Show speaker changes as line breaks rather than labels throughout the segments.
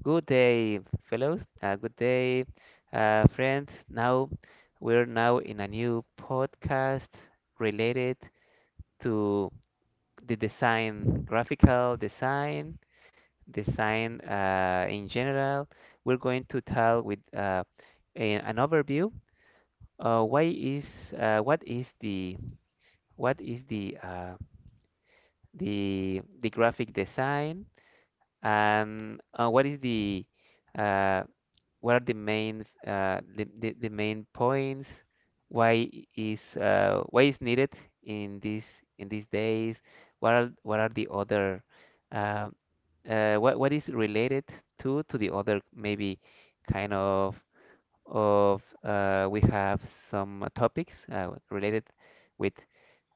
Good day, fellows. Good day, friends. Now we're now in a new podcast related to the design, graphical design in general. We're going to tell with an overview. Why is uh, what is the what is the graphic design and what is the uh, what are the main points why why is needed in this in these days, what are the other uh, what is related to the other, maybe kind of. We have some topics related with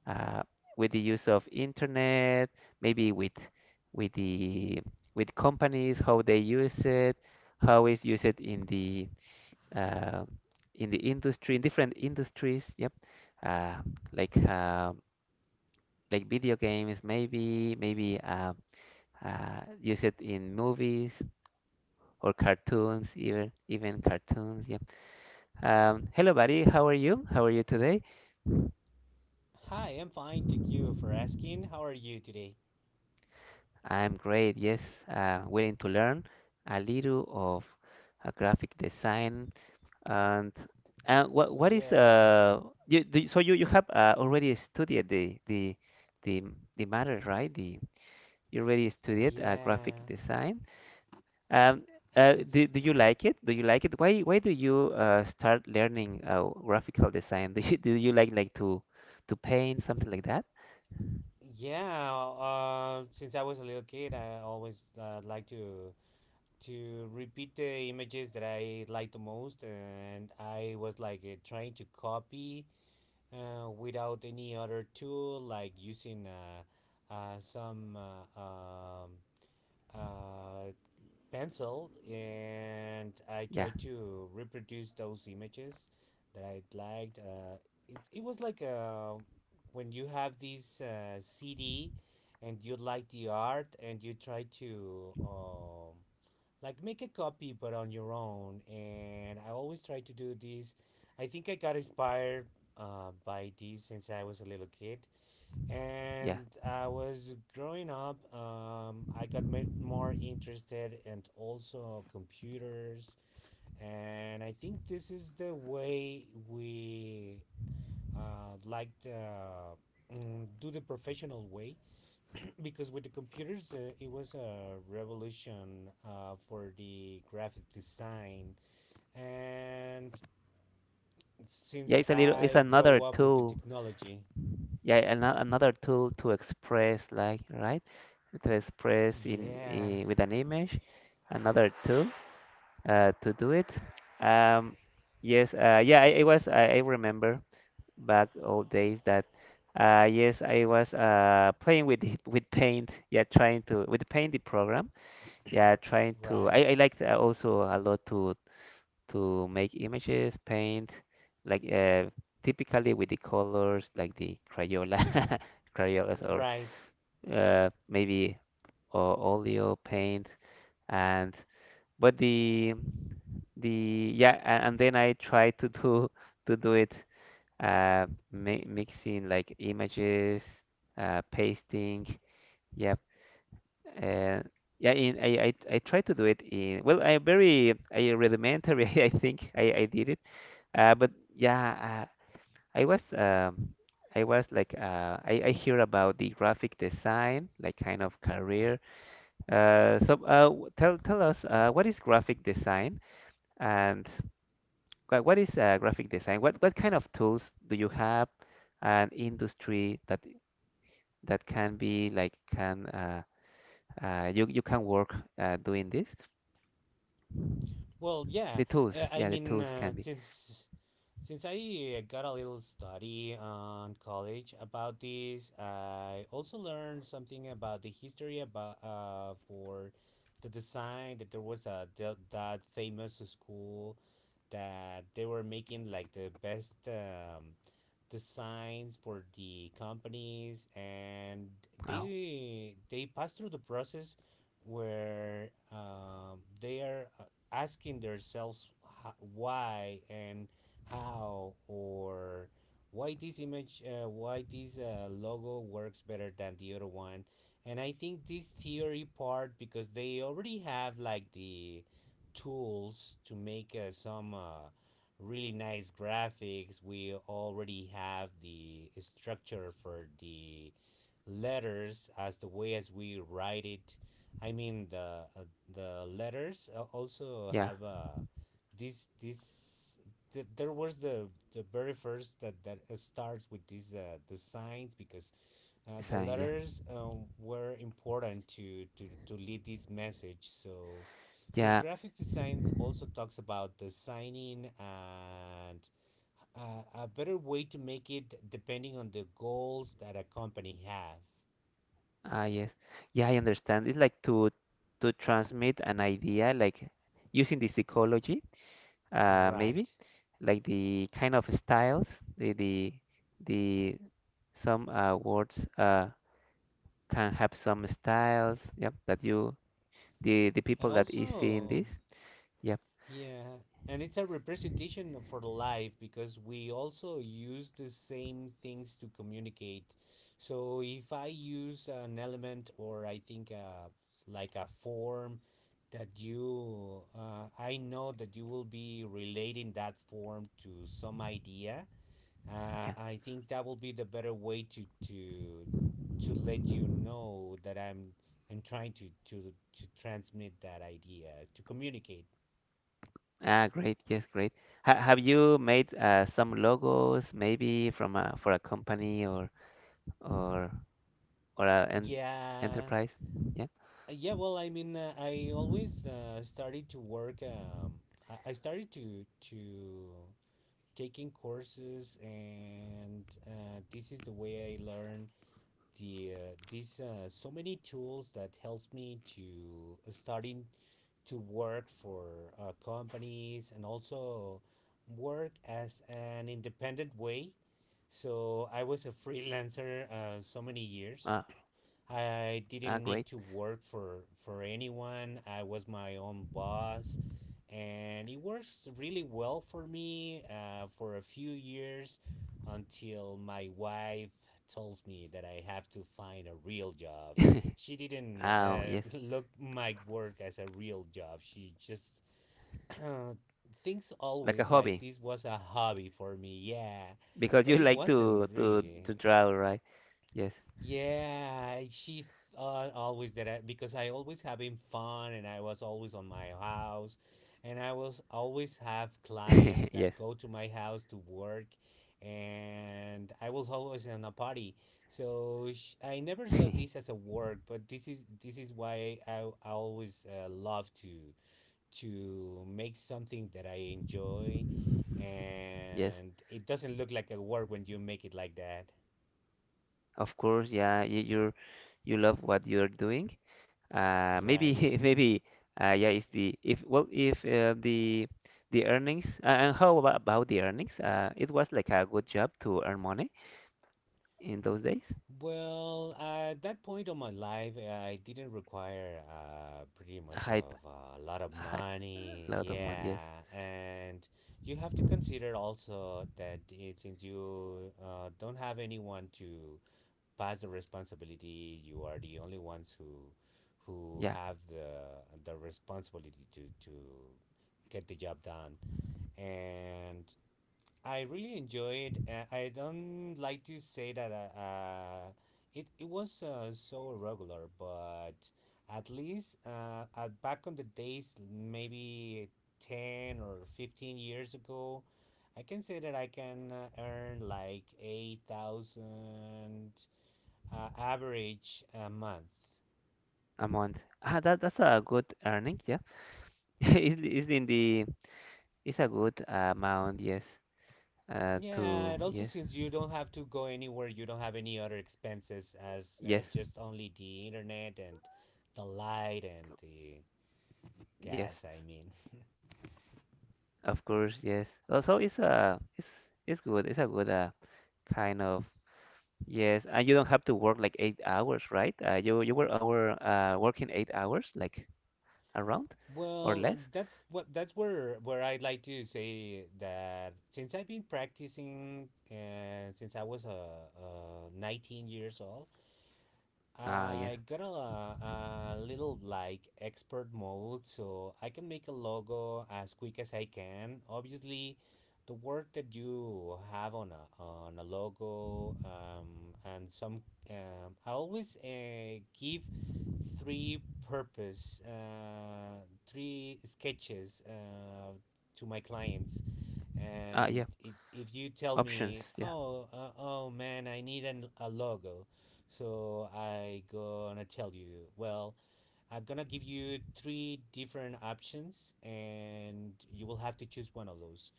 uh, with the use of internet, maybe with the with companies, how they use it, how is used uh, in the industry, in different industries. Yep, uh, like uh, like video games, maybe use it in movies or cartoons, even cartoons. Yep. Hello, buddy. How are you? How are you today?
Hi, I'm fine. Thank you for asking. How are you today?
I'm great. Yes, willing to learn a little of graphic design. And and what is
Yeah,
you, do, so you have already studied the the matter, right? The You already studied graphic
yeah.
design. Um,
Since
do you like it? Do you like it? Why do you start learning graphical design? Do you like to paint something like that?
yeah, since I was a little kid, I always like to repeat the images that I like the most, and I was like trying to copy without any other tool, like using some uh, pencil and I
Yeah,
tried to reproduce those images that I liked. It was like when you have this CD and you like the art and you try to like make a copy but on your own. And I always try to do this. I think I got inspired by this since I was a little kid.
yeah,
And I was growing up, I got more interested in also computers. And I think this is the way we uh, like the, do the professional way because with the computers, it was a revolution for the graphic design. And
yeah.
since
It's a little, it's
I
another
grow up with the
tool,
technology,
yeah, another tool to express, like, right, to express in,
yeah,
I with an image, another tool to do it. um, yes yeah, I was, I remember back old days that, yes, I was playing with with paint, yeah, trying to, with paint, the program, yeah, trying to,
right,
I liked, also a lot to make images, paint, like typically with the colors like the Crayola, Crayolas, or
right.
maybe Oleo paint. And but the yeah, a- and then I try to do to do it uh, mi mixing like images, pasting, yeah, uh, yeah. In I try to do it in, well, I very I rudimentary, I think I did it, uh, but yeah, I was, I was like, I hear about the graphic design, like kind of career. So tell us what is graphic design and wha- what is graphic design? What kind of tools do you have, and industry that that can be like, can you, you can work doing this?
Well, yeah.
The tools,
I
yeah, the
mean,
tools
uh,
can be.
since since I got a little study on college about this, I also learned something about the history about for the design. That there was that famous school that they were making like the best designs for the companies, and
Oh,
they pass through the process where they are asking themselves why and how, or why this image, why this logo works better than the other one. And I think this theory part, because they already have like the tools to make some really nice graphics. We already have the structure for the letters, as the way as we write it. I mean, uh, the letters also
yeah,
have this this there was the very first that starts with these the signs, because the
design, yeah,
letters were important to lead this message. So since
yeah.
graphic design also talks about the signing and a better way to make it depending on the goals that a company have.
Ah, yes. Yeah, I understand. It's like to transmit an idea, like using the psychology,
Right.
maybe, like the kind of styles, the the the some words can have some styles. Yep, that you, the
And
people that is seeing
also,
this. Yep,
yeah, and it's a representation of- for life, because we also use the same things to communicate. So if I use an element, or I think like a form that I know that you will be relating that form to some idea,
yeah.
I think that will be the better way to let you know that I'm trying to transmit that idea, to communicate.
Ah, great. Yes, great. Ha Have you made some logos, maybe from a, for a company or or or an
Yeah.
enterprise? Yeah.
Yeah. Well, I mean, I always started to work. I started to to taking courses, and this is the way I learn the these so many tools that helps me to starting to work for companies, and also work as an independent way. So I was a freelancer so many years.
Ah.
I
Ah,
didn't need
great.
to work for anyone. I was my own boss, and it works really well for me for a few years, until my wife told me that I have to find a real job. She didn't
Oh, yes,
look my work as a real job. She just thinks
like a
always like
hobby,
this was a hobby for me. Yeah,
because
but
you
it
like
wasn't
to
really.
to draw, right? Yes,
Yeah, she always did that because I always having fun, and I was always on my house, and I was always have clients
yes,
that go to my house to work, and I was always on a party. So I never saw this as a work, but this is why I always love to make something that I enjoy,
yes.
and it doesn't look like a work when you make it like that,
Of course, yeah. You love what you're doing. Maybe
right?
maybe yeah. It's the, if, well, if the earnings, and how about the earnings? It was like a good job to earn money in those days.
Well, at that point of my life, I didn't require pretty
A
much
high,
of a lot of
a high
money.
lot of money. Yes,
Yeah, and you have to consider also that it, since you don't have anyone to pass the responsibility, you are the only ones who
yeah,
have the responsibility to get the job done. And I really enjoyed. I don't like to say that it was so regular, but at least at back on the days, maybe 10 or 15 years ago, I can say that I can earn like 8,000 average a month.
a month. Ah, that that's a good earning. Yeah. It's in the, it's a good amount, yes.
Yeah,
To
and also,
yes,
since you don't have to go anywhere, you don't have any other expenses as
yes,
just only the internet, and the light, and the gas,
yes.
I mean.
Of course, yes. Also, it's a, it's it's good. It's a good kind of, yes. And you don't have to work like 8 hours, right? You were over working 8 hours, like, around or
Well,
less.
that's where I'd like to say that since I've been practicing since I was 19 years old,
Ah, yes.
I got a little like expert mode, so I can make a logo as quick as I can. Obviously, the work that you have on a logo, and some I always give three three sketches to my clients.
Ah,
And
yeah.
it, if you tell
Options.
me,
Yeah.
oh, oh man, I need a logo, so I gonna tell you, well, I'm gonna give you three different options, and you will have to choose one of those,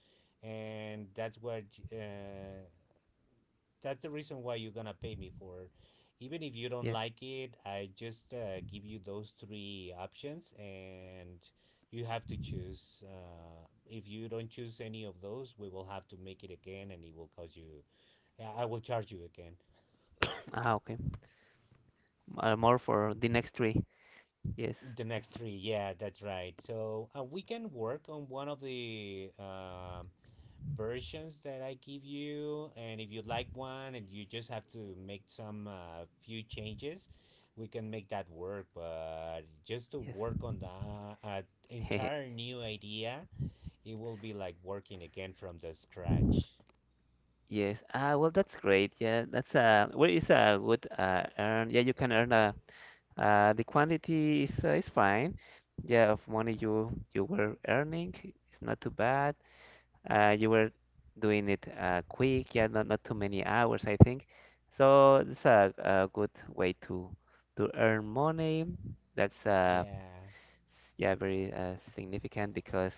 and that's where uh, that's the reason why you're gonna pay me for it. Even if you don't
Yes.
like it, I just give you those three options, and you have to choose. If you don't choose any of those, we will have to make it again, and it will cost you. I will charge you again.
Ah, okay. More for the next three. Yes.
The next three, yeah, that's right. So we can work on one of the versions that I give you. And if you like one, and you just have to make some few changes, we can make that work. But just to
Yes.
work on the entire new idea, it will be like working again from the scratch.
Yes. Ah, well, that's great. Yeah, that's well, it's a good earn. Yeah, you can earn the quantity is fine. Yeah, of money you were earning, it's not too bad. You were doing it, uh, quick. Yeah, not not too many hours, I think. So it's a good way to earn money. That's
Yeah.
yeah, very significant because.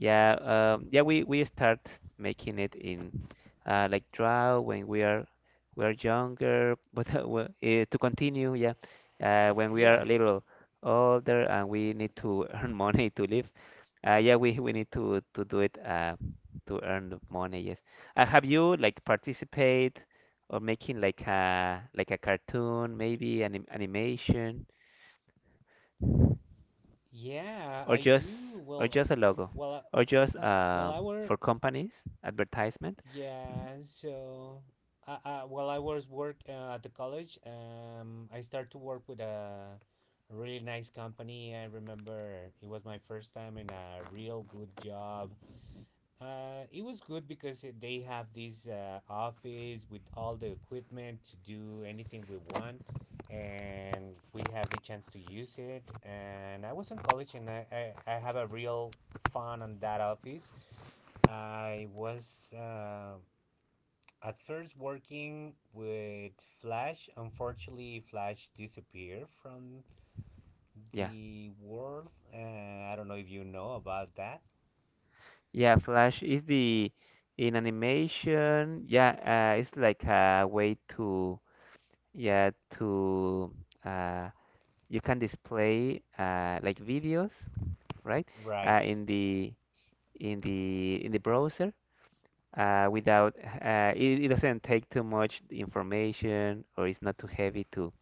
Yeah, yeah, we start making it in like draw when we are younger, but, to continue, yeah, when we are a
Yeah.
little older and we need to earn money to live, yeah, we need to do it to earn the money. Yes, have you like participate or making like a, like a cartoon, maybe animation?
Yeah,
Or
I
just,
do.
or
Well,
just a logo,
well,
or just,
well, our
for companies advertisement. Mhm.
Yeah, so I, while I was work at the college, I started to work with a really nice company. I remember it was my first time in a real good job. It was good because they have this office with all the equipment to do anything we want, and we have the chance to use it. And I was in college, and I have a real fun on that office. I was. At first working with Flash. Unfortunately, Flash disappeared from
Yeah,
the world. I don't know if you know about that.
yeah, Flash is the, in animation, yeah, it's like a way to, yeah, to uh, you can display like videos, right,
Right.
in the, in the, in the browser, without, it, it doesn't take too much information, or it's not too heavy to,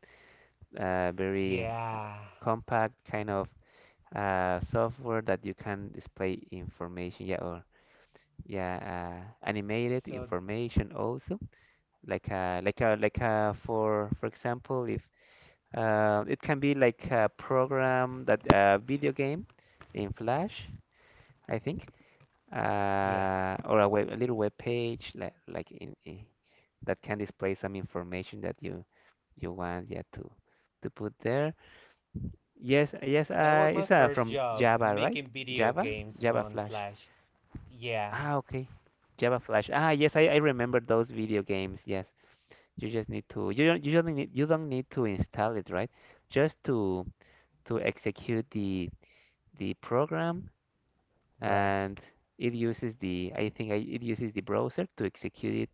very
Yeah.
compact kind of software that you can display information, yeah, or yeah, animated
So,
information also, like like for example, if it can be like a program, that video game in Flash, I think,
yeah.
or a web, a little web page, like in that can display some information that you want, yeah, to put there. Yes, yes,
That was my
it's
first
from
job
Java, right?
making video
Java,
games
Java
on
Flash.
Flash. Yeah.
Ah, okay. Java Flash. Ah, yes, I remember those video games. Yes, you just need to, you don't need to install it, right? Just to execute the program,
Right.
and it uses the, I think it uses the browser to execute it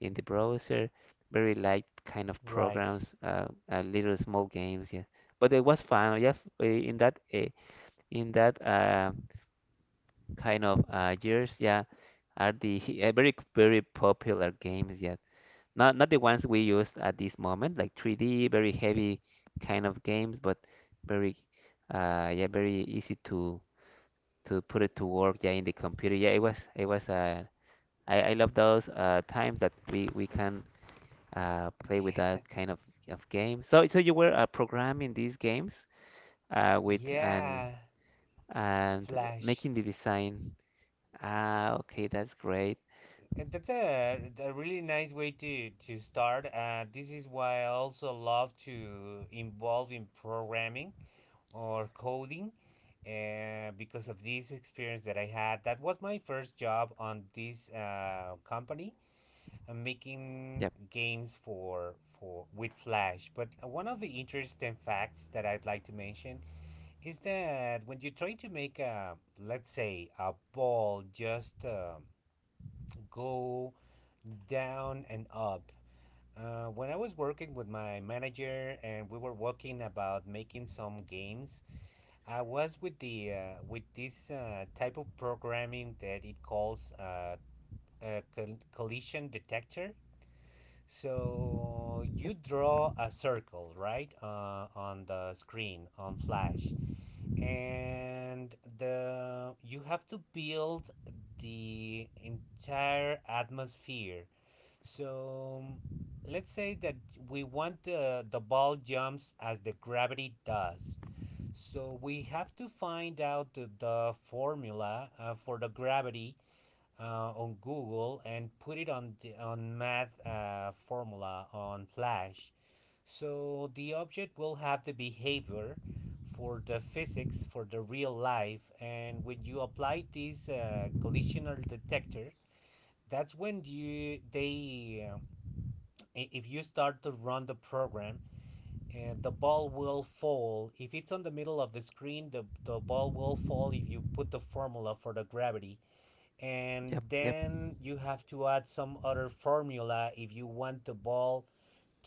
in the browser. Very light kind of
Right.
programs, little small games. Yeah, but it was fun. Yes, in that kind of years, yeah, are the very very popular games yet. Not not the ones we used at this moment, like 3D, very heavy kind of games, but very yeah, very easy to put it to work, yeah, in the computer. Yeah, it was I love those times that we can play with that
Yeah.
kind of game. So so you were programming these games with
Yeah.
and
Flash.
making the design. Ah, okay, that's great.
That's a really nice way to start. This is why I also love to involve in programming or coding because of this experience that I had. That was my first job on this company, making
Yep,
games for with Flash. But one of the interesting facts that I'd like to mention is that when you try to make a, let's say, a ball just go down and up. When I was working with my manager and we were working about making some games, I was with the with this type of programming that it calls collision detector. So you
yep,
draw a circle, right, on the screen on Flash, and the you have to build the entire atmosphere. So let's say that we want the ball jumps as the gravity does. So we have to find out the formula for the gravity on Google, and put it on the, on math formula on Flash. So the object will have the behavior for the physics for the real life. And when you apply this collisional detector, that's when you they if you start to run the program, and the ball will fall. If it's on the middle of the screen, the ball will fall if you put the formula for the gravity. And
yep, yep.
then you have to add some other formula if you want the ball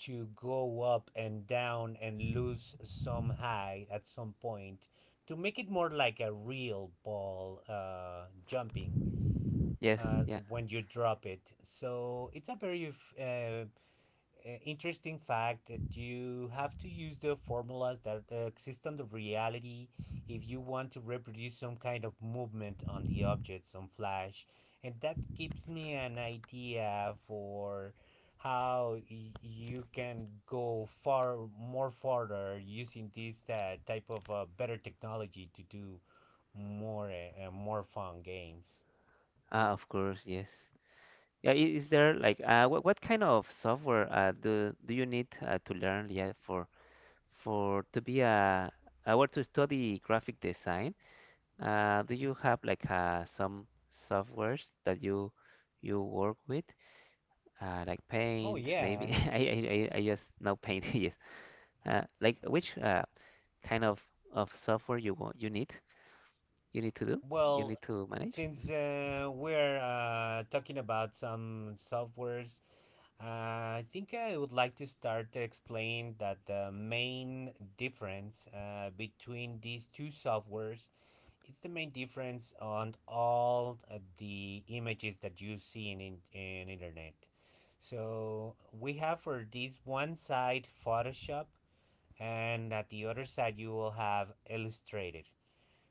to go up and down and lose some height at some point, to make it more like a real ball jumping
Yes, yeah.
when you drop it. So it's a very interesting fact that you have to use the formulas that exist on the reality if you want to reproduce some kind of movement on the objects on Flash. And that gives me an idea for how you can go far more further using this type of better technology to do more more fun games.
Of course, yes. Yeah, is there like what kind of software do do you need to learn, yeah, for to be a, I want to study graphic design? Do you have like some softwares that you work with? Like
Oh
Paint, maybe.
yeah.
I just know Paint. Yes. Like which kind of software you want, you need, you need to do, you
Well,
need to manage?
since
Mhm.
we're talking about some softwares, uh, I think I would like to start to explain that the main difference between these two softwares is the main difference on all the images that you see in internet. So we have for this one side Photoshop, and at the other side you will have Illustrator.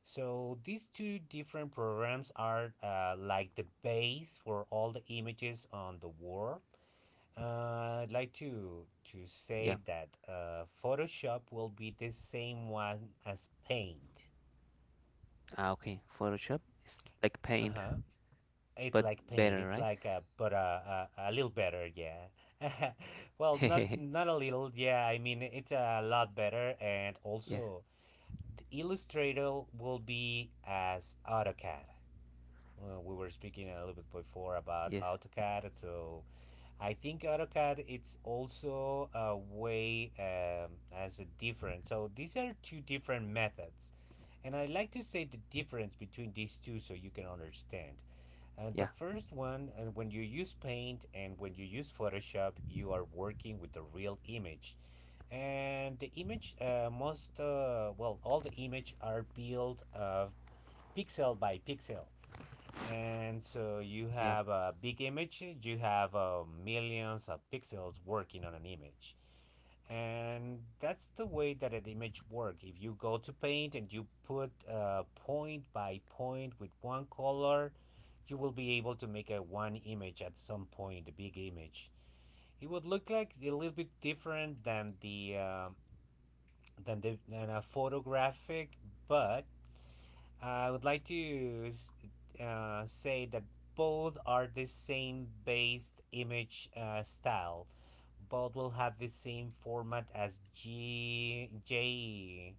So these two different programs are like the base for all the images on the wall. I'd like to
Yeah.
say that Photoshop will be the same one as Paint.
Ah, okay. Photoshop is like
Uh
paint,
huh. It's
but
like Paint.
better,
It's
right?
like a but a little better. Yeah. well, not not a little. Yeah. I mean, it's a lot better, and
Yes,
also the Illustrator will be as AutoCAD. We were speaking a little bit before about
yes,
AutoCAD. So I think AutoCAD it's also a way as a different. So these are two different methods, and I like to say the difference between these two so you can understand. The
yeah,
first one, when you use Paint and when you use Photoshop, you are working with the real image. And the image, most, well, all the image are built pixel by pixel. And so you
yeah.
have a big image, you have millions of pixels working on an image. And that's the way that an image works. If you go to paint and you put point by point with one color, you will be able to make a one image at some point, a big image. It would look like a little bit different than the than a photographic, but I would like to say that both are the same based image style. Both will have the same format as G J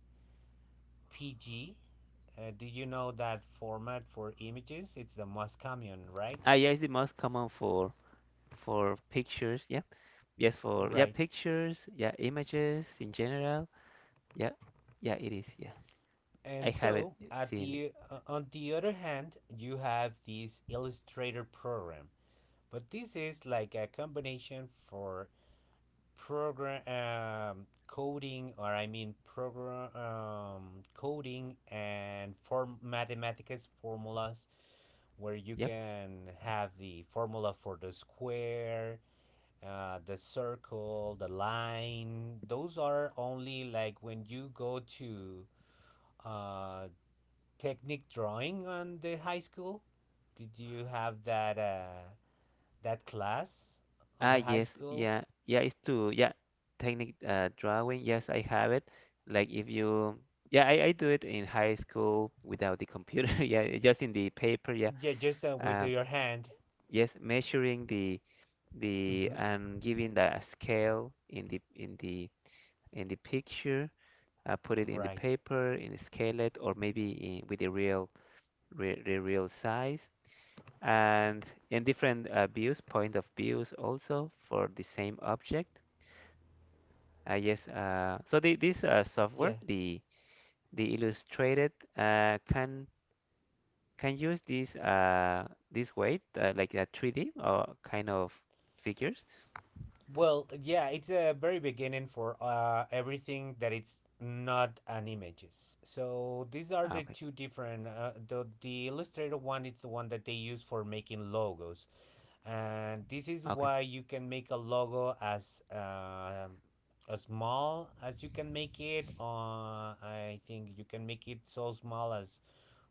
P G. JPG. Do you know that format for images? It's the most common, right?
Ah, yeah, it's the most common for pictures. Yeah, yes, for yeah
Right.
pictures. Yeah, images in general. Yeah, yeah, it is. Yeah, I
And
have it,
so, at
seen it.
the on the other hand, you have this Illustrator program, but this is like a combination for program coding or I mean program coding and form mathematics formulas where you
Yep.
can have the formula for the square, the circle, the line. Those are only like when you go to uh, technique drawing on the high school. Did you have that that class on
Ah,
the high
yes,
school?
yeah, yeah. It's to yeah, technique drawing. Yes, I have it. Like, if you, yeah, I do it in high school without the computer. Yeah, just in the paper. Yeah.
Yeah, just with
Uh,
your hand.
yes, measuring the,
Hmm.
and giving the scale in the, in the, in the picture, I put it in the
Right.
paper, in a scale it, or maybe in, with the real, re, the real size, and in different views, point of views also for the same object. Yes, so the, this software,
Yeah.
the Illustrated, can use this this way, like a 3D or kind of figures.
Well, yeah, it's a very beginning for everything that it's not an images. So these are
Ah,
the
okay.
two different. The Illustrator one is the one that they use for making logos, and this is
Okay.
why you can make a logo as small as you can make it. I think you can make it so small as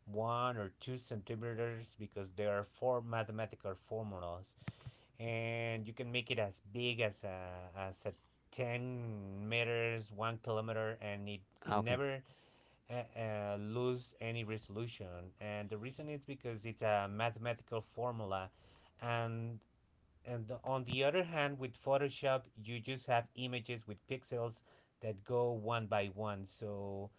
1 or 2 centimeters because there are four mathematical formulas, and you can make it as big as a 10 meters, 1 kilometer, and it
Ah, okay,
never lose any resolution. And the reason is because it's a mathematical formula, and on the other hand, with Photoshop, you just have images with pixels that go one by one. So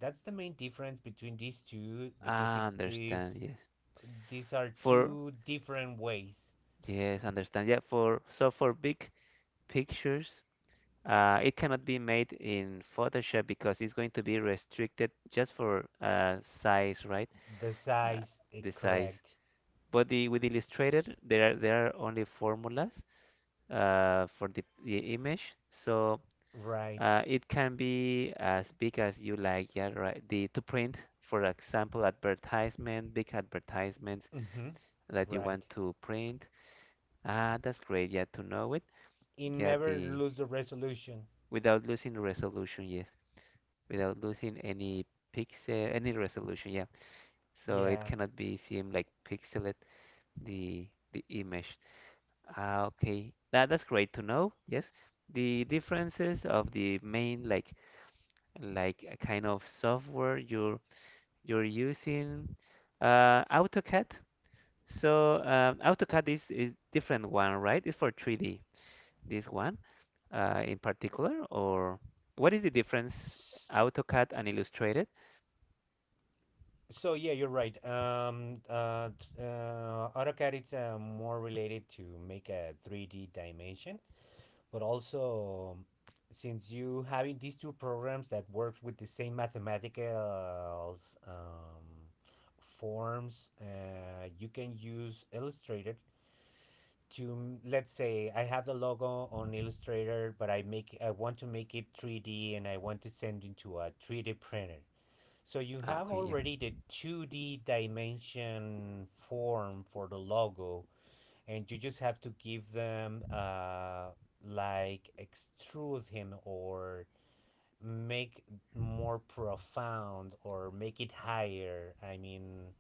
that's the main difference between these two because it
I understand.
is
Yes,
these are
for,
two different ways.
yes, understand. Yeah, for, so for big pictures, it cannot be made in Photoshop because it's going to be restricted just for size, right?
The
Uh,
size is
the size.
correct.
But the with Illustrator, there are, there are only formulas for the image, so
Right.
it can be as big as you like. Yeah, right. The to print, for example, advertisement, big advertisements
Mm-hmm.
that you
Right.
want to print. Ah, that's great. Yeah, to know it.
It
Yeah,
never
the
lose the resolution.
without losing resolution. Yes, without losing any pixel, any resolution. Yeah. So it
Yeah.
cannot be seen like pixelate the the image. Ah, okay. That that's great to know. Yes. The differences of the main like a kind of software you're using AutoCAD. So AutoCAD is different one, right? It's for 3D. This one in particular, or what is the difference
S-
AutoCAD and Illustrated?
So yeah, you're right. AutoCAD is more related to make a 3D dimension, but also since you having these two programs that works with the same mathematical um, forms, you can use Illustrator to let's say I have the logo on Illustrator, but I make I want to make it 3D and I want to send it to a 3D printer. So you
Ah,
have
okay, yeah,
already the 2D dimension form for the logo, and you just have to give them like extrude him or make more profound or make it higher. I mean,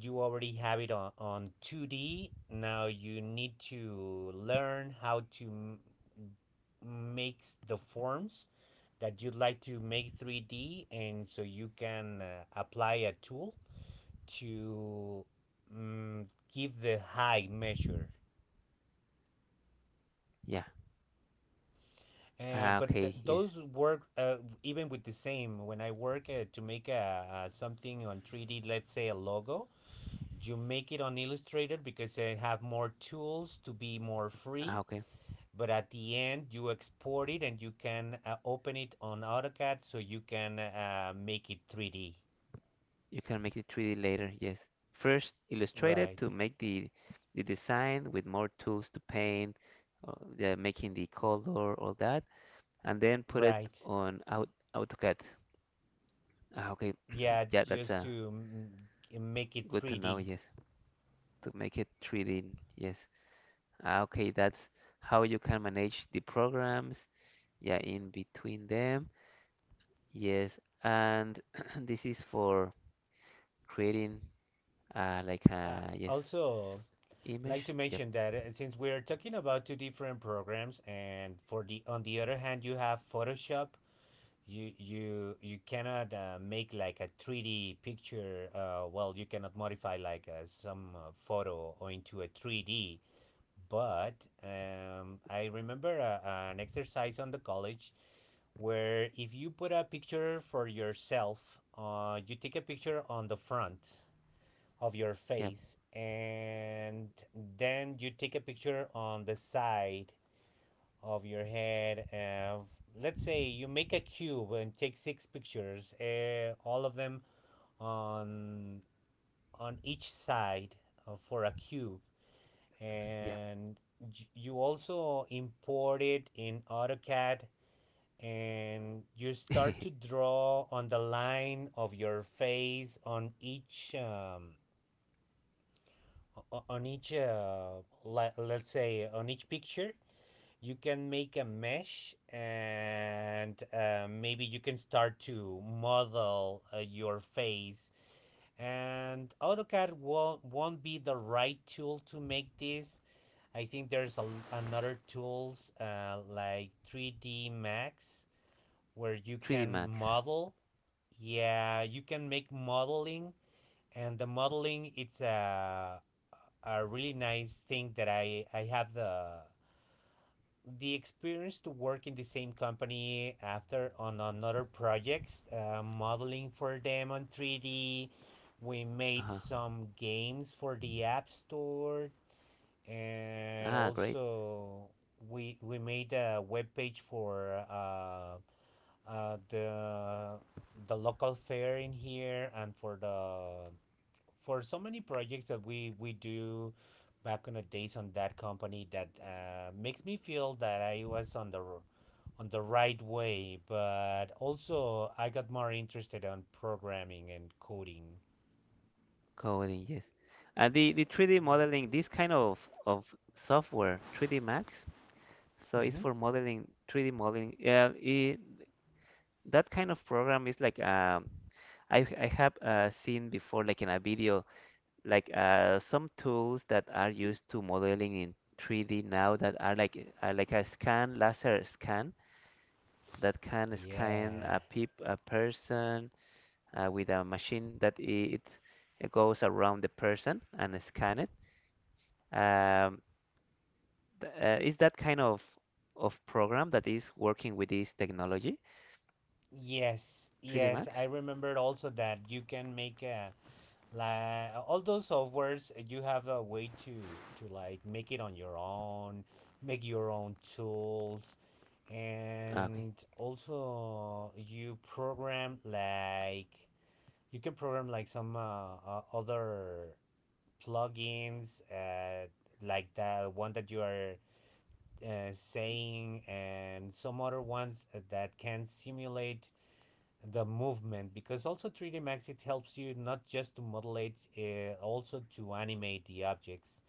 you already have it on 2D. Now you need to learn how to make the forms that you'd like to make 3D, and so you can apply a tool to mm, give the high measure.
yeah. Ah,
But
okay, yes.
those work even with the same. When I work to make a something on 3D, let's say a logo, you make it on Illustrator because I have more tools to be more free.
Ah, okay.
But at the end, you export it and you can open it on AutoCAD so you can make it 3D.
You can make it 3D later, yes. First, Illustrated
Right,
to make the design with more tools to paint, the making the color, all that, and then put it
right.
on out AutoCAD. Ah, okay.
Yeah,
Yeah, that's
just
uh,
to make it
good to know,
3D.
yes. To make it 3D, yes. Ah, okay, that's how you can manage the programs. Yeah, in between them. Yes, and this is for creating like
Uh,
a yes
Also, like
image.
to
Yep,
mention that since we're talking about two different programs and for the on the other hand you have photoshop you cannot make like a 3D picture. Well, you cannot modify like some photo or into a 3D. But I remember an exercise on the college where if you put a picture for yourself, you take a picture on the front of your
yep,
face and then you take a picture on the side of your head. Let's say you make a cube and take 6 pictures, all of them on on each side for a cube,
yeah.
and you also import it in AutoCAD, and you start to draw on the line of your face on each. On each let's say on each picture you can make a mesh and maybe you can start to model your face, and AutoCAD won't be the right tool to make this. I think there's another tools like 3D Max where you
3D
can
Max.
model. Yeah, you can make modeling, and the modeling it's a really nice thing that I have the experience to work in the same company after on another projects, modeling for them on 3D. We made
Uh-huh.
some games for the App Store, and
Ah, great
also we made a web page for uh, the the local fair in here and for the for so many projects that we do back in the days on that company that makes me feel that I was on the right way, but also I got more interested on programming and coding.
coding. Yes, and the 3D modeling. This kind of software, 3D Max. So it's
Mm-hmm.
for modeling 3D modeling. Yeah, it, that kind of program is like I have seen before, like in a video, like some tools that are used to modeling in 3D now that are like a scan, laser scan that can scan
Yeah.
a peep a person with a machine that it goes around the person and scan it. Um, is that kind of program that is working with this technology,
Yes.
3D
Yes. I
Max?
remembered also that you can make a like all those softwares you have a way to like make it on your own, make your own tools,
Ah, okay.
and also you program like you can program like some other plugins like the one that you are saying and some other ones that can simulate the movement because also 3D Max it helps you not just to model it, also to animate the objects.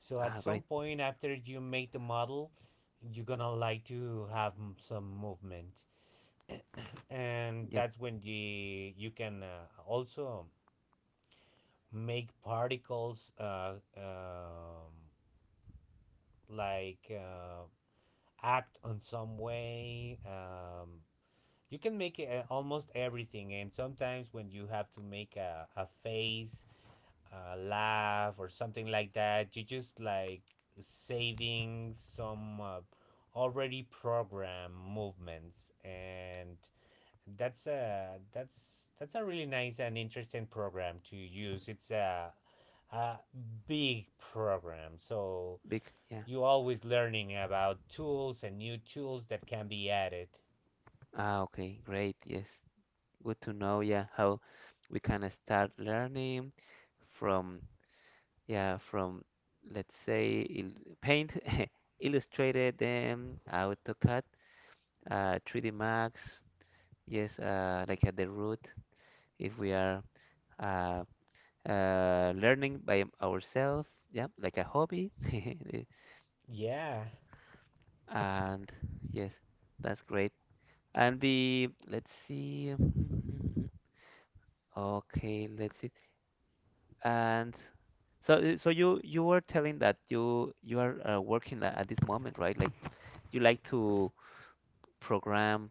So at
Ah,
some
great.
point after you make the model, you're gonna like to have some movement, and
Yeah,
that's when the you can also make particles like act on some way. You can make almost everything, and sometimes when you have to make a face laugh or something like that. You just like saving some already programmed movements, and that's a really nice and interesting program to use. It's a big program, so
big. Yeah.
you're always learning about tools and new tools that can be added.
Ah, okay, great. Yes, good to know. Yeah, how we can start learning from yeah from let's say il Paint, Illustrated, then AutoCAD, 3D Max. Yes, like at the root, if we are uh, learning by ourselves, yeah, like a hobby.
Yeah,
And yes, that's great. And the let's see. Okay, let's see. And so, so you were telling that you are working a- at this moment, right? Like you like to program.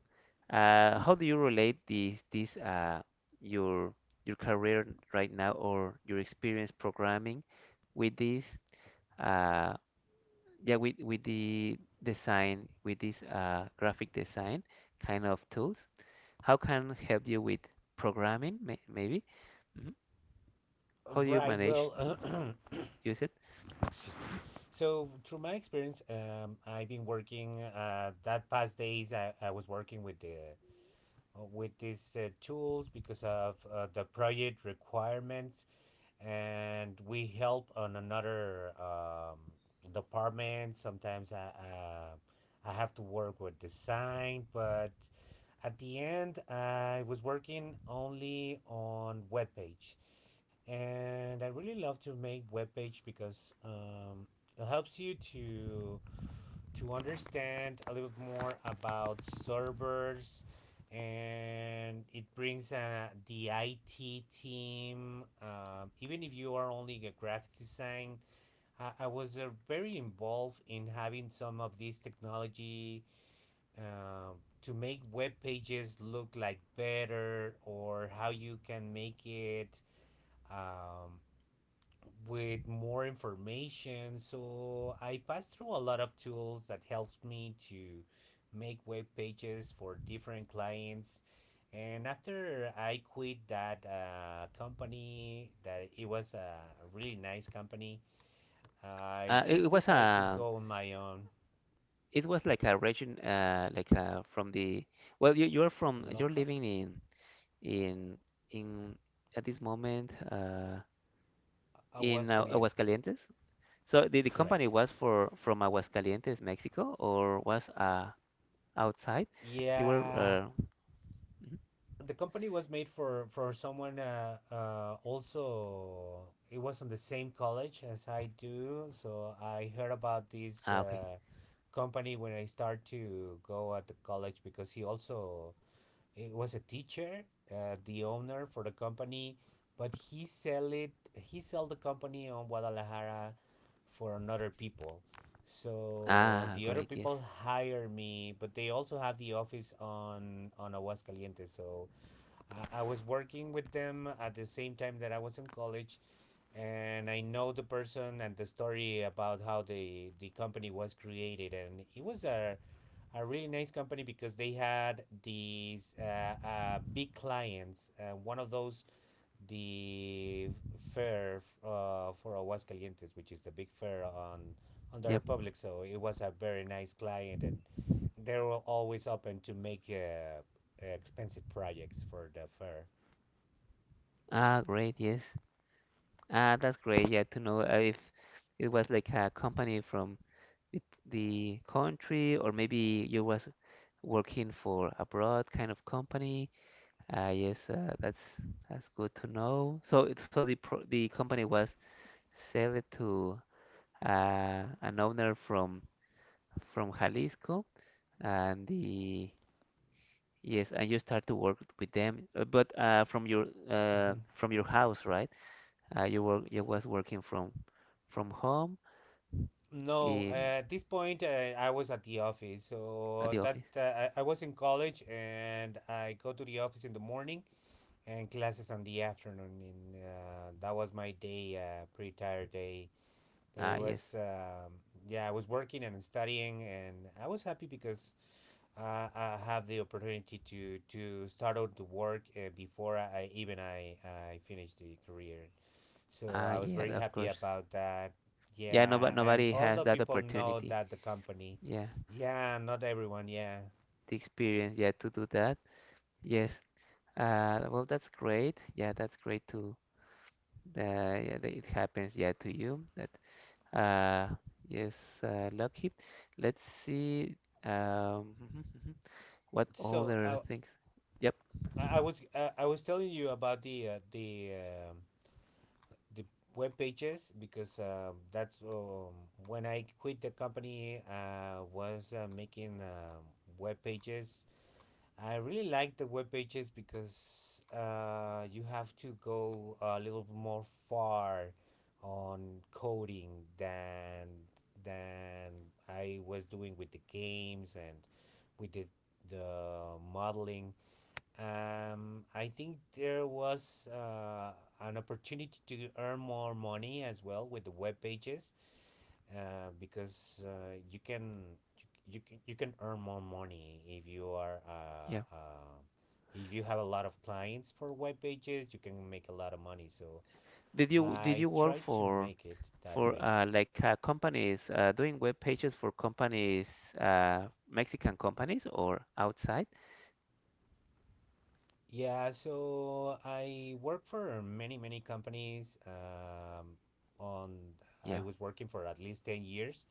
How do you relate these your your career right now or your experience programming with this uh yeah with the design with this graphic design kind of tools? How can help you with programming maybe? Mhm. How do you
right.
manage to
Well,
use it?
excuse me. So, through my experience, I've been working that past days. I was working with the with these tools because of the project requirements, and we help on another department. Sometimes I have to work with design, but at the end, I was working only on web page, and I really love to make web page because it helps you to understand a little bit more about servers, and it brings the IT team even if you are only a graphic design. I was very involved in having some of these technology to make web pages look like better, or how you can make it um, with more information. So I pass through a lot of tools that helps me to make web pages for different clients. And after I quit that company, that it was a really nice company, I
It
just
was
decided to
a
go on my own.
It was like a region, like from the. Well, you're from you're
Local?
living in in at this moment in
Aguascalientes.
Aguascalientes. So the company
Correct.
was for from Aguascalientes, Mexico, or was outside? You were.
Yeah,
Mhm.
the company was made for someone also. It was on the same college as I do, so I heard about this
Ah, okay.
company when I start to go at the college because he also it was a teacher, the owner for the company, but he sell it. He sell the company on Guadalajara for another people. So
Ah,
the other
great. Yes.
people hire me, but they also have the office on Aguascalientes. So I was working with them at the same time that I was in college, and I know the person and the story about how the company was created, and it was a really nice company because they had these big clients. One of those, the fair for Aguascalientes, which is the big fair on the
Yep.
Republic. So it was a very nice client, and they were always open to make expensive projects for the fair.
Ah, great. Yes. Ah, that's great. Yeah, to know if it was like a company from the, the country, or maybe you was working for a broad kind of company. Yes, that's good to know. So it- so the pro the company was sold to an owner from Jalisco, and the yes, and you start to work with them, but
Mhm.
from your house, right? You work you was working from home
No,
in
at this point, I was at the office.
at
So
the
that
office.
I was in college, and I go to the office in the morning and classes on the afternoon. And that was my day, pretty tired day. But
Ah,
it
yes.
was, yeah, I was working and studying, and I was happy because I have the opportunity to start out to work before I even I finish the career. So
Ah,
I was
yeah,
very
of
happy
course.
about that.
Yeah, no, but
Yeah, and
nobody has
although
that
people know
opportunity.
that the company.
Yeah.
Yeah, not everyone. Yeah.
The experience, yeah, to do that. Yes. Well, that's great. Yeah, that's great to yeah, that it happens. Yeah, to you. That uh, yes, lucky. Let's see. Mhm, mhm. What
So
other
I
things? Yep.
I I was I was telling you about the the web pages because that's when I quit the company. I was making web pages. I really like the web pages because you have to go a little bit more far on coding than I was doing with the games and with the modeling. I think there was an opportunity to earn more money as well with the web pages, because you can earn more money if you are
Yeah.
if you have a lot of clients for web pages, you can make a lot of money. So
Did you did
I
you work
try to make it that
for
way.
like companies doing web pages for companies, Mexican companies or outside?
Yeah, so I work for many companies. On I
Yeah.
was working for at least 10 years.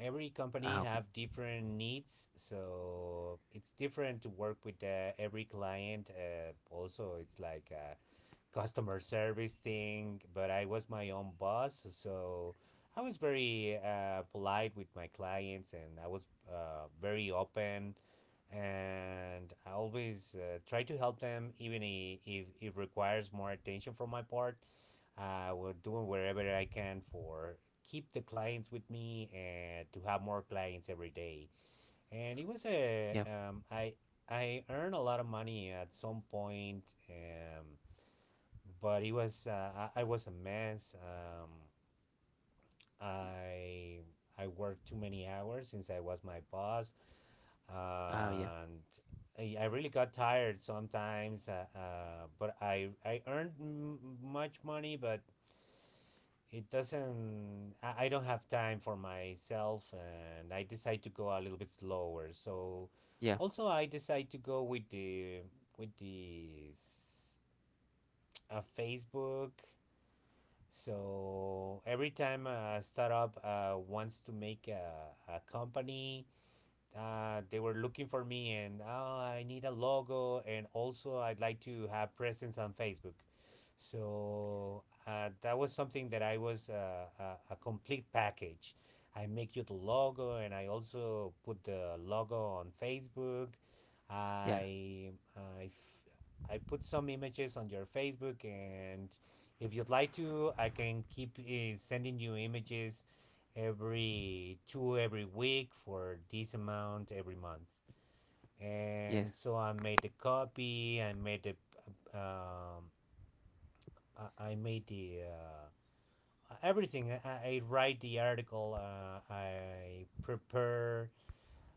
Every company
Ah, okay.
have different needs, so it's different to work with every client. Also it's like customer service thing, but I was my own boss, so I was very polite with my clients, and I was very open, and I always try to help them even if it requires more attention from my part. I would do wherever I can for keep the clients with me and to have more clients every day. And it was a
Yeah.
I earned a lot of money at some point. But it was I was a mess. I worked too many hours since I was my boss, and
Ah, yeah.
I really got tired sometimes. But I earned much money, but it doesn't. I don't have time for myself, and I decide to go a little bit slower. So
Yeah.
also I decide to go with the with this a Facebook. So every time a startup wants to make a company, they were looking for me and, oh, I need a logo and also I'd like to have presence on Facebook. So that was something that I was a complete package. I make you the logo and I also put the logo on Facebook.
Yeah.
I I f- I put some images on your Facebook and if you'd like to, I can keep sending you images every week for this amount every month, and
Yes.
so I made the copy, I made the um, made the everything. I write the article, I prepare,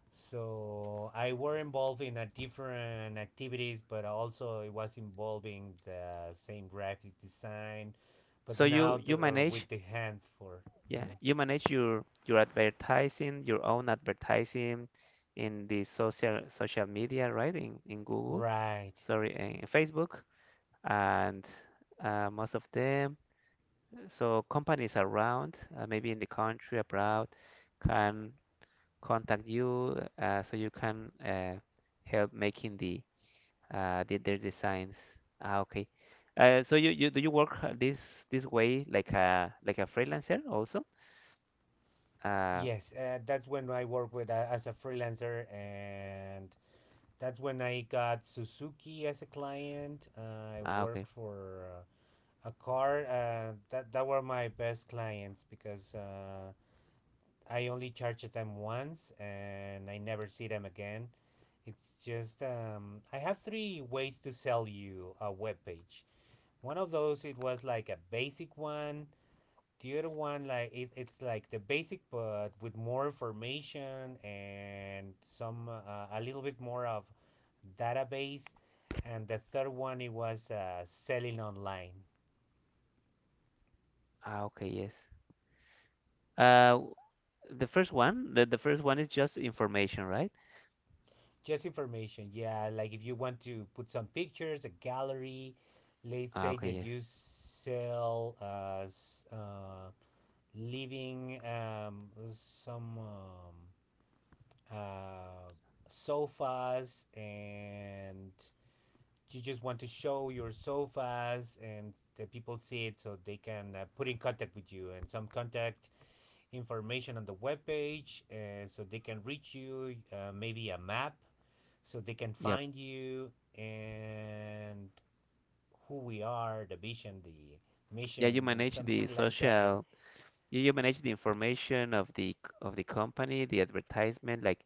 so I were involved in a different activities, but also it was involving the same graphic design, but
So you
now the,
you manage,
with the hand for
yeah,
mm-hmm.
you manage your advertising, your own advertising in the social social media, right? In Google,
Right.
sorry, in Facebook, and most of them. So companies around, maybe in the country, abroad, can contact you, so you can help making the their designs. Ah, okay. So you, you do you work this this way like a freelancer also? Uh,
Yes, that's when I work with as a freelancer, and that's when I got Suzuki as a client. I
ah,
worked
okay.
for a car. That that were my best clients because I only charged them once, and I never see them again. It's just I have three ways to sell you a web page. One of those it was like a basic one, the other one, like it's like the basic, but with more information and some a little bit more of database. And the third one, it was selling online,
Ah, okay, yes. Uh, the first one is just information, right?
just information. Yeah, like if you want to put some pictures, a gallery. Let's
Ah,
say
okay,
that
yes.
you sell living some uh, sofas, and you just want to show your sofas and the people see it so they can put in contact with you and some contact information on the webpage so they can reach you, maybe a map so they can
Yep.
find you, and who we are, the vision, the
Yeah, you
mission and
manage
something
the
like that.
social, you manage the information of the c- of the company, the advertisement, like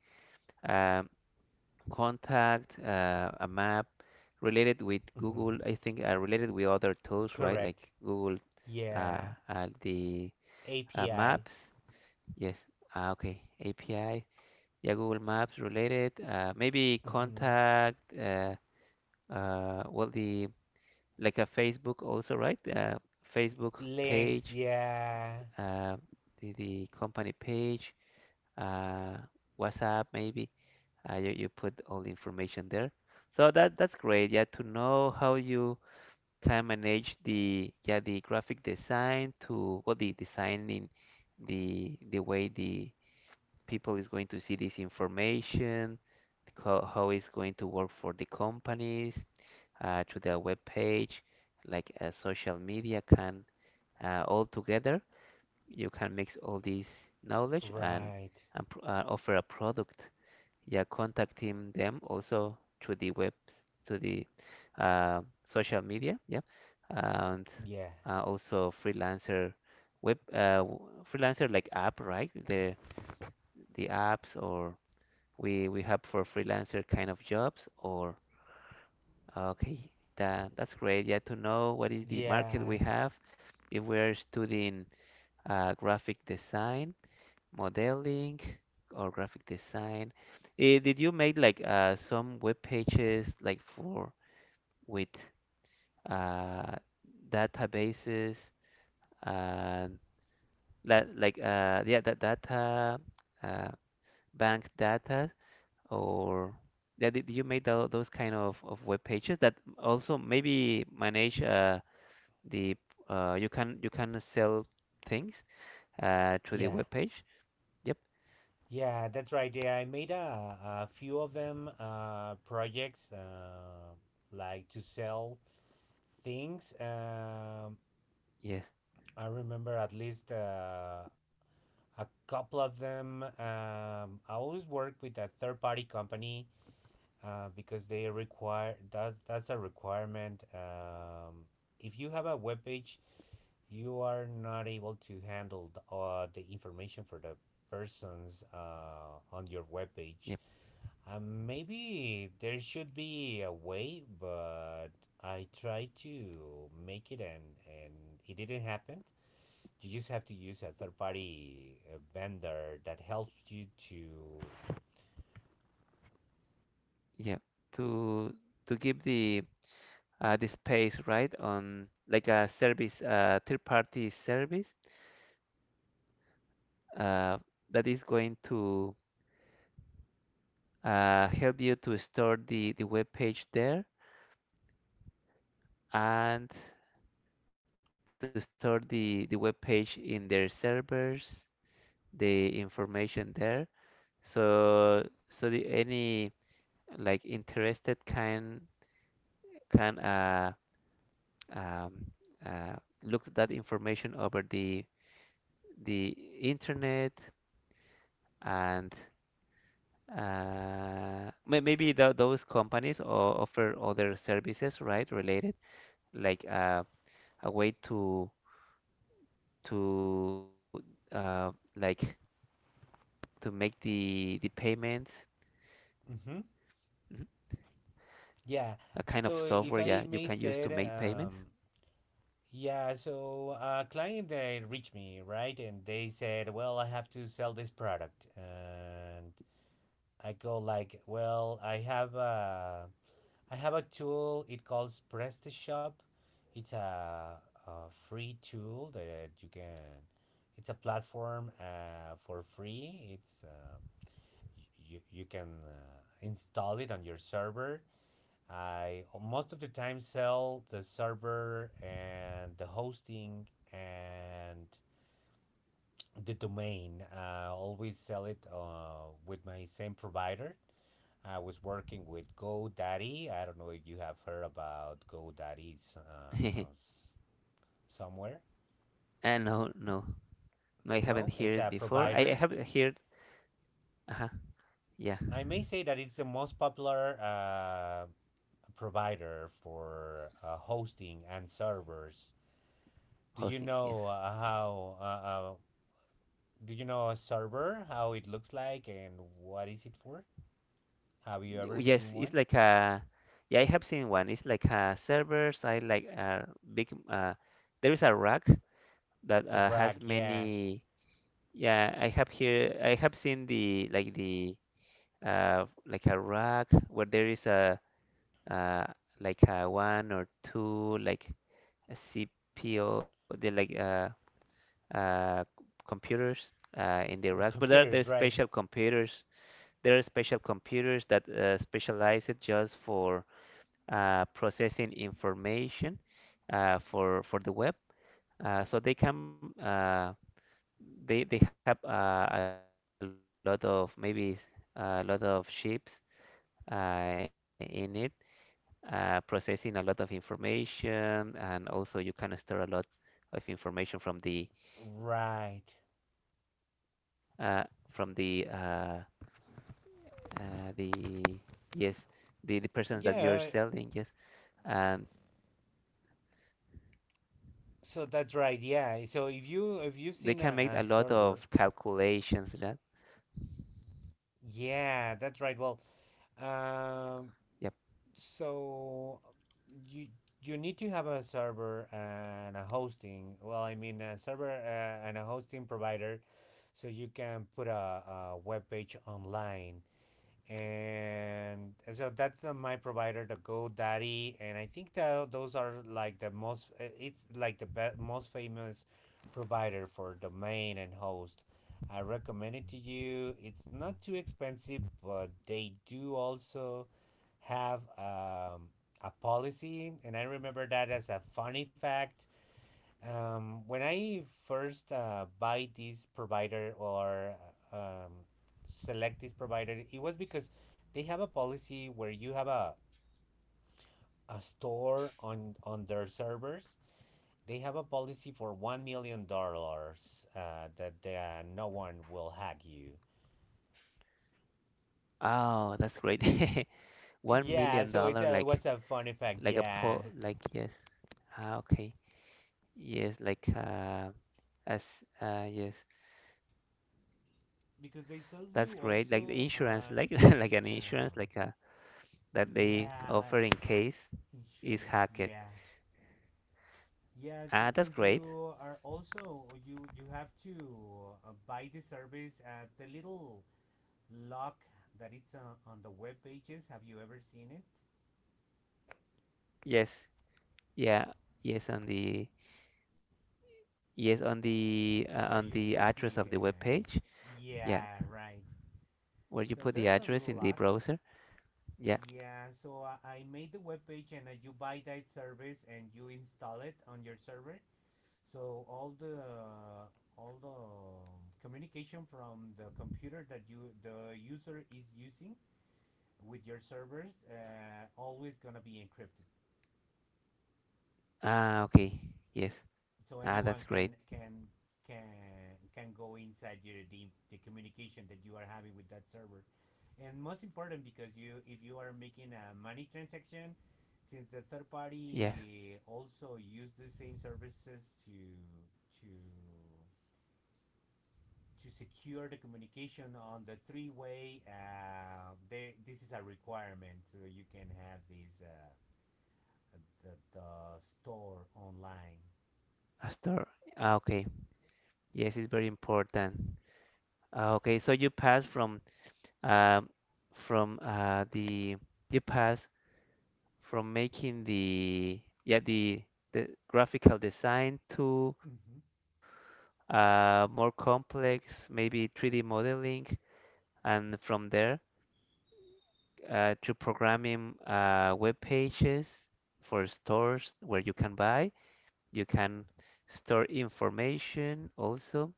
um, contact, a map related with
Hmm.
Google, I think related with other tools, right? Like
Correct.
Google, uh,
Yeah.
the
API.
Maps. Yes. Ah, okay. API. Yeah, Google Maps related, maybe
Hmm.
contact, well, the like a Facebook also, right? Facebook
Links,
page,
yeah.
uh, the company page, uh, WhatsApp maybe. You, you put all the information there. So that that's great. Yeah, to know how you can manage the yeah the graphic design to well the designing the way the people is going to see this information, co- how it's going to work for the companies, to their web page, like social media can all together. You can mix all this knowledge
Right.
and pr- offer a product. Yeah, contacting them also through the web, to the uh, social media. Yeah, and
Yeah.
also freelancer web freelancer like app, right? The apps or we have for freelancer kind of jobs or okay that that's great yeah to know what is the market
Yeah.
we have if we're studying graphic design modeling or graphic design. Eh, did you make like some web pages like for with uh, databases and like yeah that data uh, bank data or yeah, did you made tho- those kind of web pages that also maybe manage the you can sell things through the
Yeah.
web page. Yep.
Yeah, that's right. Yeah, I made a few of them projects, like to sell things.
Yes.
I remember at least a couple of them. I always work with a third party company because they require that that's a requirement. If you have a web page, you are not able to handle the information for the persons on your web page.
Yep.
Maybe there should be a way, but I tried to make it, and it didn't happen. You just have to use a third party vendor that helps you to.
Yep. To to give the space right on like a service third party service uh, that is going to help you to store the web page there and to store the web page in their servers the information there. So so the any like interested can um, uh, look that information over the internet and maybe tho- those companies o- offer other services, right, related like a way to like to make the payments,
Hmm.
mhm, a
Yeah.
kind of software,
So
yeah,
if
you
I
can use
may
to make
say, it,
payments.
yeah, so a client they reached me, right? And they said, well, I have to sell this product. And I go like, well, I have a tool. It calls PrestaShop. It's a free tool that you can. It's a platform, for free. It's you can install it on your server. I most of the time sell the server and the hosting and the domain. I always sell it with my same provider. I was working with GoDaddy. I don't know if you have heard about GoDaddy somewhere.
No, no, no. I haven't
No,
heard
it's
it
a
before. I
provider.
have heard. Uh-huh, yeah,
I may say that it's the most popular provider for hosting and servers. Do you
hosting.
know
Yes.
how? Do you know a server? How it looks like and what is it for? Have you ever
Y- yes.
seen
It's
one?
like a. Yeah, I have seen one. It's like a server side, like a big. There is a rack that has
Iraq, yeah.
many. Yeah, I have here. I have seen the like a rack where there is a uh like a one or two like a CPU, the like uh, computers in the racks, but there are there's
Computers, right?
special computers. There are special computers that specialize it just for processing information for the web. So they can they have a lot of maybe a lot of chips in it, processing a lot of information, and also you can store a lot of information uh,
Right.
from the yes the persons that you're selling, yes,
Yeah.
and
So that's right. Yeah. So if you if you've
they
seen
can make a
a
lot
server,
of calculations that
yeah, that's right. Well, um,
yep
so you need to have a server and a hosting. Well, I mean a server and a hosting provider, so you can put a web page online. And so that's the, my provider the GoDaddy, and I think that those are like the most it's like the most famous provider for domain and host. I recommend it to you. It's not too expensive, but they do
yeah
also have a policy, and I remember that as a funny fact. When I first buy this provider or uh, um, select this provider, it was because they have a policy where you have a store on their servers. They have a policy for $1 million that they, no one will hack you.
oh that's great one
Yeah,
million
so it
dollar
was a fun effect.
like a
Yeah,
poll like yes, ah, okay, yes like as yes
because they sells
that's
you
great like the
also
insurance like like an
this
insurance like a that they
yeah,
offer
like
in case is
insurance.
hacked
Yeah. Yeah,
ah that's
since
great
you are also you have to buy the service at the little lock that it's on the web pages. Have you ever seen it?
yes yeah yes on the. Yes,
Where
on
you
the
put
address
the
of the web page. Yeah,
yeah, right.
where you
So
put the
there's a little
address in the
lock.
browser. Yeah.
Yeah, so I made the web page, and you buy that service and you install it on your server. So all the communication from the computer that you the user is using with your servers always gonna be encrypted,
Ah, okay. Yes.
so
Ah,
anyone
that's great.
can go inside your the communication that you are having with that server, and most important because you if you are making a money transaction, since the third
Yes.
party also use the same services to to to secure the communication on the three way, they, this is a requirement so you can have these. At, at the store online.
A store. Ah, okay. Yes, it's very important. Ah, okay. So you pass um from the you pass from making the yeah the graphical design to
Mm-hmm.
more complex maybe 3D modeling and from there to programming web pages for stores where you can buy. You can store information also,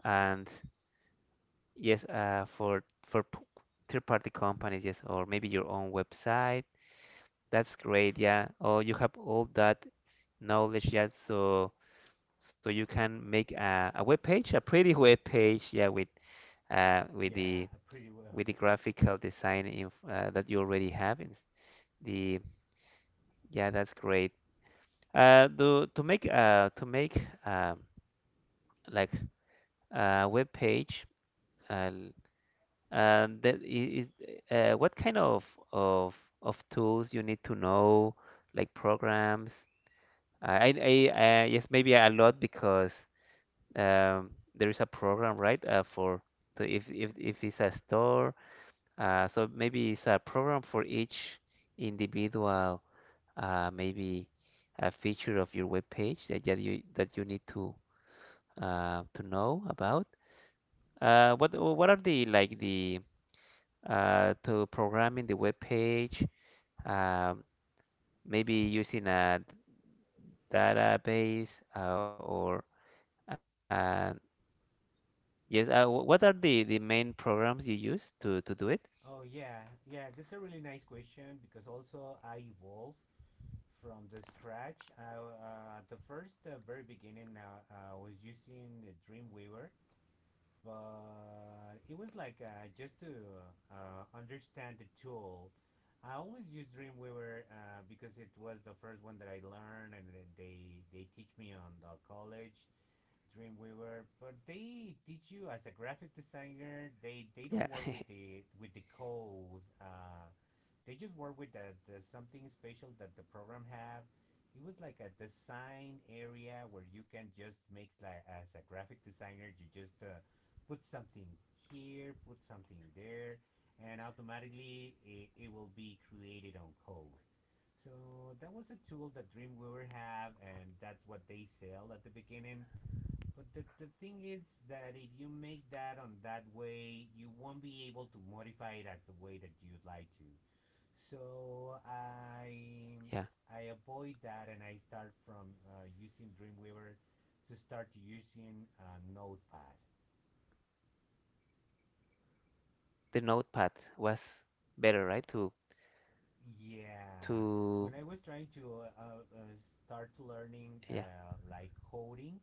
and yes, for p- third-party companies, yes, or maybe your own website. That's great, yeah. Oh, you have all that knowledge, yeah. So so you can make a web page, a pretty web page, yeah, uh, with the
Yeah, pretty
with the
well.
graphical design inf that you already have in the. Yeah, that's great. Do to make like a web page uh, l- that is what kind of of tools you need to know like programs. I yes maybe a lot because there is a program right for to if it's a store so maybe it's a program for each individual maybe a feature of your web page that, that you need to know about. What are the like the to programming the web page? Um, Maybe using a database or uh, yes. What are the main programs you use to, do it?
Oh, yeah, yeah. That's a really nice question because also I evolved from the scratch. At the first very beginning, I was using the Dreamweaver, but it was like just to understand the tool. I always use Dreamweaver because it was the first one that I learned, and then they teach me on the college
Yeah,
Dreamweaver, but they teach you as a graphic designer. They don't work with the code. They just work with the something special that the program have. It was like a design area where you can just make like as a graphic designer, you just put something here, put something there, and automatically it will be created on code. So that was a tool that Dreamweaver have, and that's what they sell at the beginning. But the thing is that if you make that on that way, you won't be able to modify it as the way that you'd like to. So
yeah.
I avoid that and I start from using Dreamweaver to start using Notepad.
The Notepad was better, right? To
Yeah, when I was trying to start
Yeah,
learning like coding.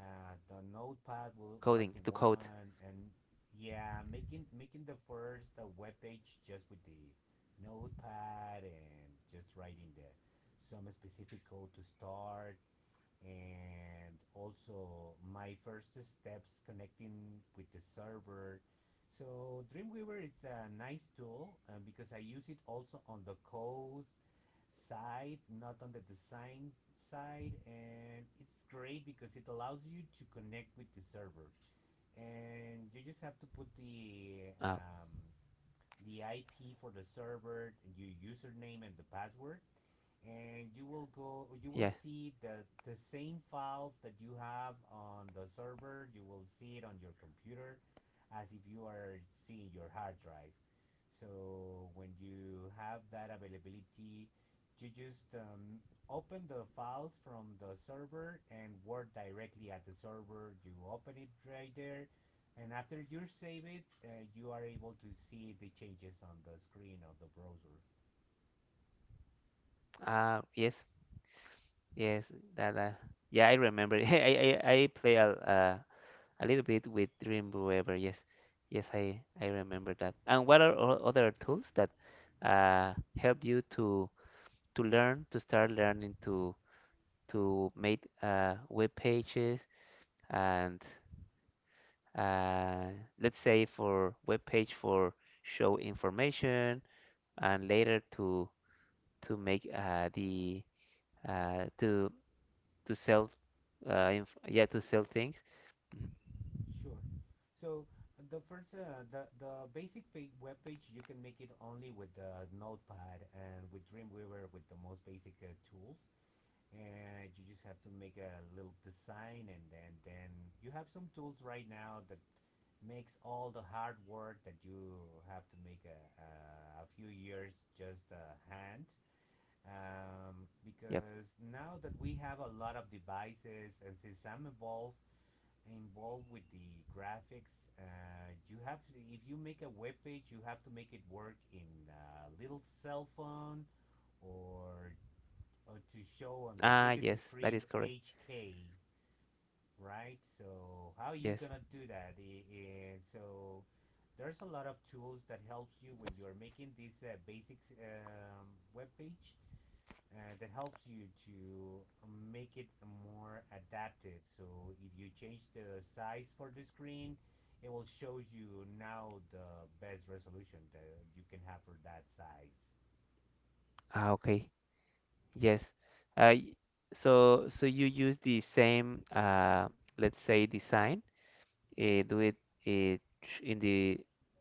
The
coding to code.
notepad was the one, and yeah, making the first web page just with the notepad and just writing the some specific code to start, and also my first steps connecting with the server. So Dreamweaver is a nice tool because I use it also on the codes side, not on the design side. And it's great because it allows you to connect with the server. And you just have to put
Uh,
the IP for the server, your username, and the password, and
yeah.
you will see the same files that you have on the server, you will see it on your computer, as if you are seeing your hard drive. So when you have that availability, you just open the files from the server and work directly at the server, you open it right there, and after you save it you are able to see the changes on the screen of the browser.
Yes. Yes, that yeah, I remember. I play a little bit with Dreamweaver. Yes, yes, I remember that. And what are other tools that uh help you to learn, to start learning to make web pages and uh let's say for web page for show information and later to make the uh to to sell, inf yeah, to sell things. Mhm.
Sure. So the first, the basic page, web page, you can make it only with the Notepad and with Dreamweaver with the most basic tools, and you just have to make a little design, and then you have some tools right now that makes all the hard work that you have to make a a few years just a hand.
Yep.
Because now that we have a lot of devices, and since I'm involved with the graphics. You have to, if you make a web page, you have to make it work in a little cell phone, or, or to show on the
Ah,
biggest
yes, that
screen
is correct.
HK, right? So how are you
Yes.
gonna do that? And so there's a lot of tools that helps you when you're making this basic web page, that helps you to make it more adaptive. So if you change the size for the screen, it will show you now the best resolution that you can have for that size.
Ah, okay. Yes. uh y- so so you use the same let's say design, uh, do it uh, tr- in the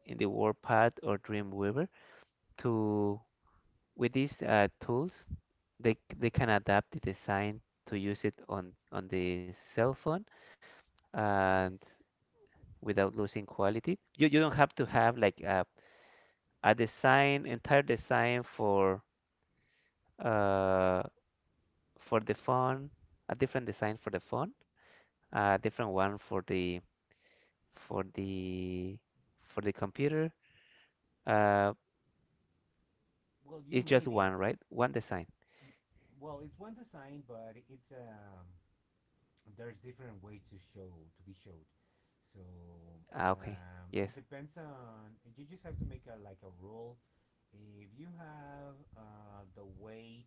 in the Warpath or Dreamweaver to, with these tools, they can adapt the design to use it on the cell phone and
Yes.
without losing quality. You don't have to have like a design, entire design uh, for the phone, a different design for the phone, a different one for the for the for the computer. Uh,
Well, you
it's just
maybe.
one, right? One design.
Well, it's one design, but it's there's different ways to show, to be showed. So
Ah, okay.
it
Yes.
depends on, you just have to make a like a rule. If you have the weight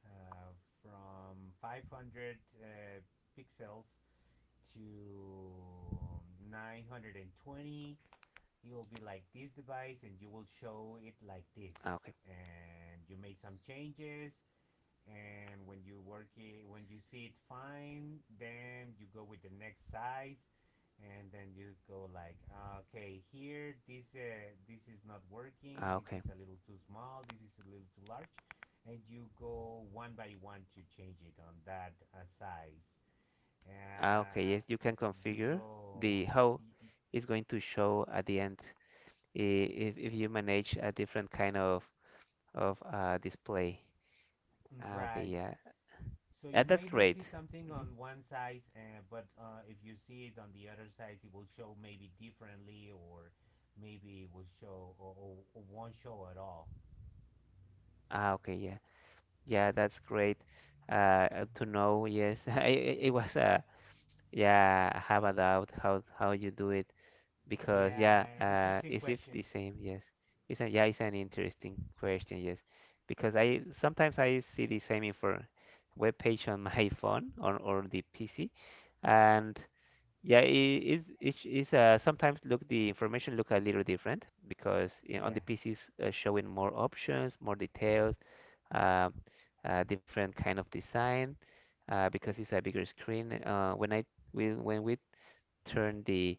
uh, from 500 pixels to 920, you will be like this device and you will show it like
Ah,
this,
okay.
and you made some changes, and when you work it, when you see it fine, then you go with the next size, and then you go like, "Ah, okay, here this this is not working,
Ah,
this
okay.
is a little too small, this is a little too large," and you go one by one to change it on that size. uh,
Ah, okay. Yes, you
uh,
can
you
configure
go
the how it's going to show at the end, if if you manage a different kind of display. Ah, okay.
right.
Yeah.
So you
Ah,
may
that's
not see
great.
something
Mhm.
on one size, but if you see it on the other side, it will show maybe differently, or maybe it will show, or won't show at all.
Ah, okay. Yeah. Yeah, that's great to know. Yes, it was yeah, I have a doubt how you do it because
Yeah,
yeah,
interesting
is it
question.
the same? Yes, yeah, it's an interesting question. Yes, because I sometimes I see the same info web page on my phone or the PC, and yeah, it is sometimes look the information look a little different because you know, on
Yeah,
the PC is showing more options, more details, uh, different kind of design because it's a bigger screen. When we turn the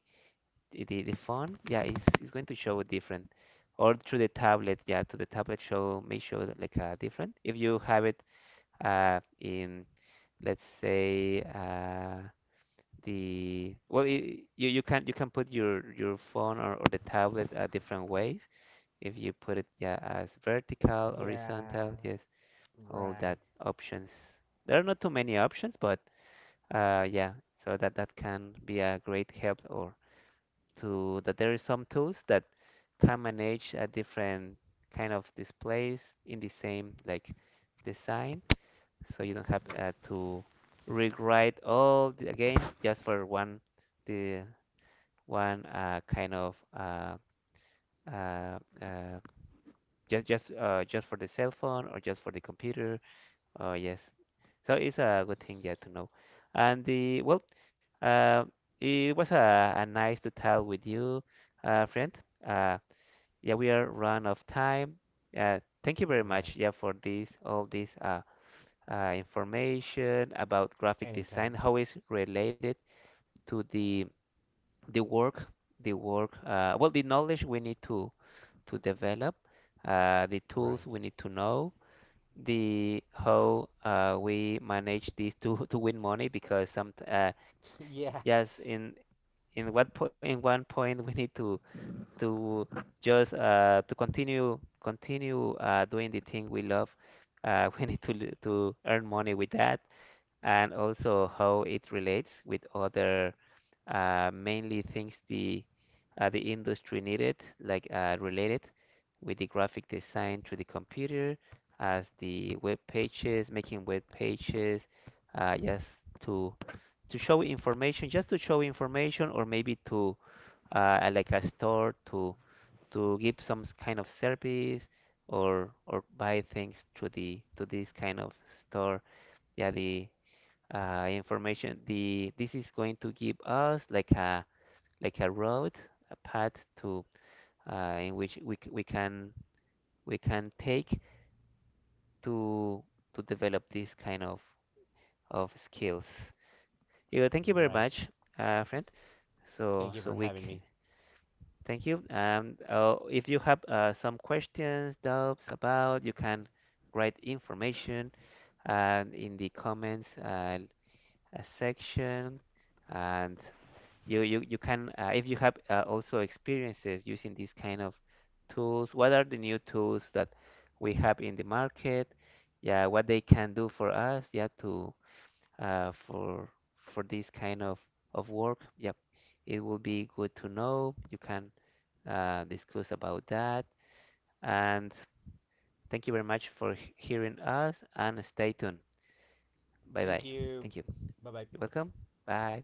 the, the phone, yeah, it's going to show different. Or through the tablet, yeah, to the tablet show may show like a different. If you have it in let's say, the, well, I you, you can, you can put your phone or the tablet different ways, if you put it, yeah, as vertical,
yeah,
horizontal, yes, all
right,
that options. There are not too many options, but yeah, so that that can be a great help or to, that there is some tools that can manage a different kind of displays in the same like design, so you don't have to rewrite all, the, again just for one the one kind of uh, uh, just for the cell phone or just for the computer. Oh yes. So it's a good thing, yeah, to know. And, the, well, uh, it was a nice to talk with you, friend. Uh, yeah, we are run of time. Thank you very much,
right.
yeah, for this all this information about graphic
Anytime.
design, how it's related to the work, the work. Well, the knowledge we need to develop, the
Right.
tools we need to know, the how we manage this to to win money because some yes
yeah.
in what point, in one point we need to to just to continue doing the thing we love, we need to earn money with that, and also how it relates with other mainly things the industry needed, like related with the graphic design to the computer, as the web pages, making web pages, just to show information, just to show information, or maybe to like a store to give some kind of service or buy things to the to this kind of store. Yeah, the information. The this is going to give us like a road, a path to, in which we can take to develop this kind of skills. Yeah, thank you very
Right.
much, friend.
Thank you
So
for
so we
having me.
c- Thank you. If you have some questions, doubts about, you can write information in the comments section. And you can, if you have also experiences using these kind of tools. What are the new tools that we have in the market? Yeah, what they can do for us? Yeah, to uh, for for this kind of work. Yep, it will be good to know. You can discuss about that. And thank you very much for hearing us. And stay tuned. Bye
Thank
bye.
you.
Thank you.
Bye
You're
bye.
welcome. Bye.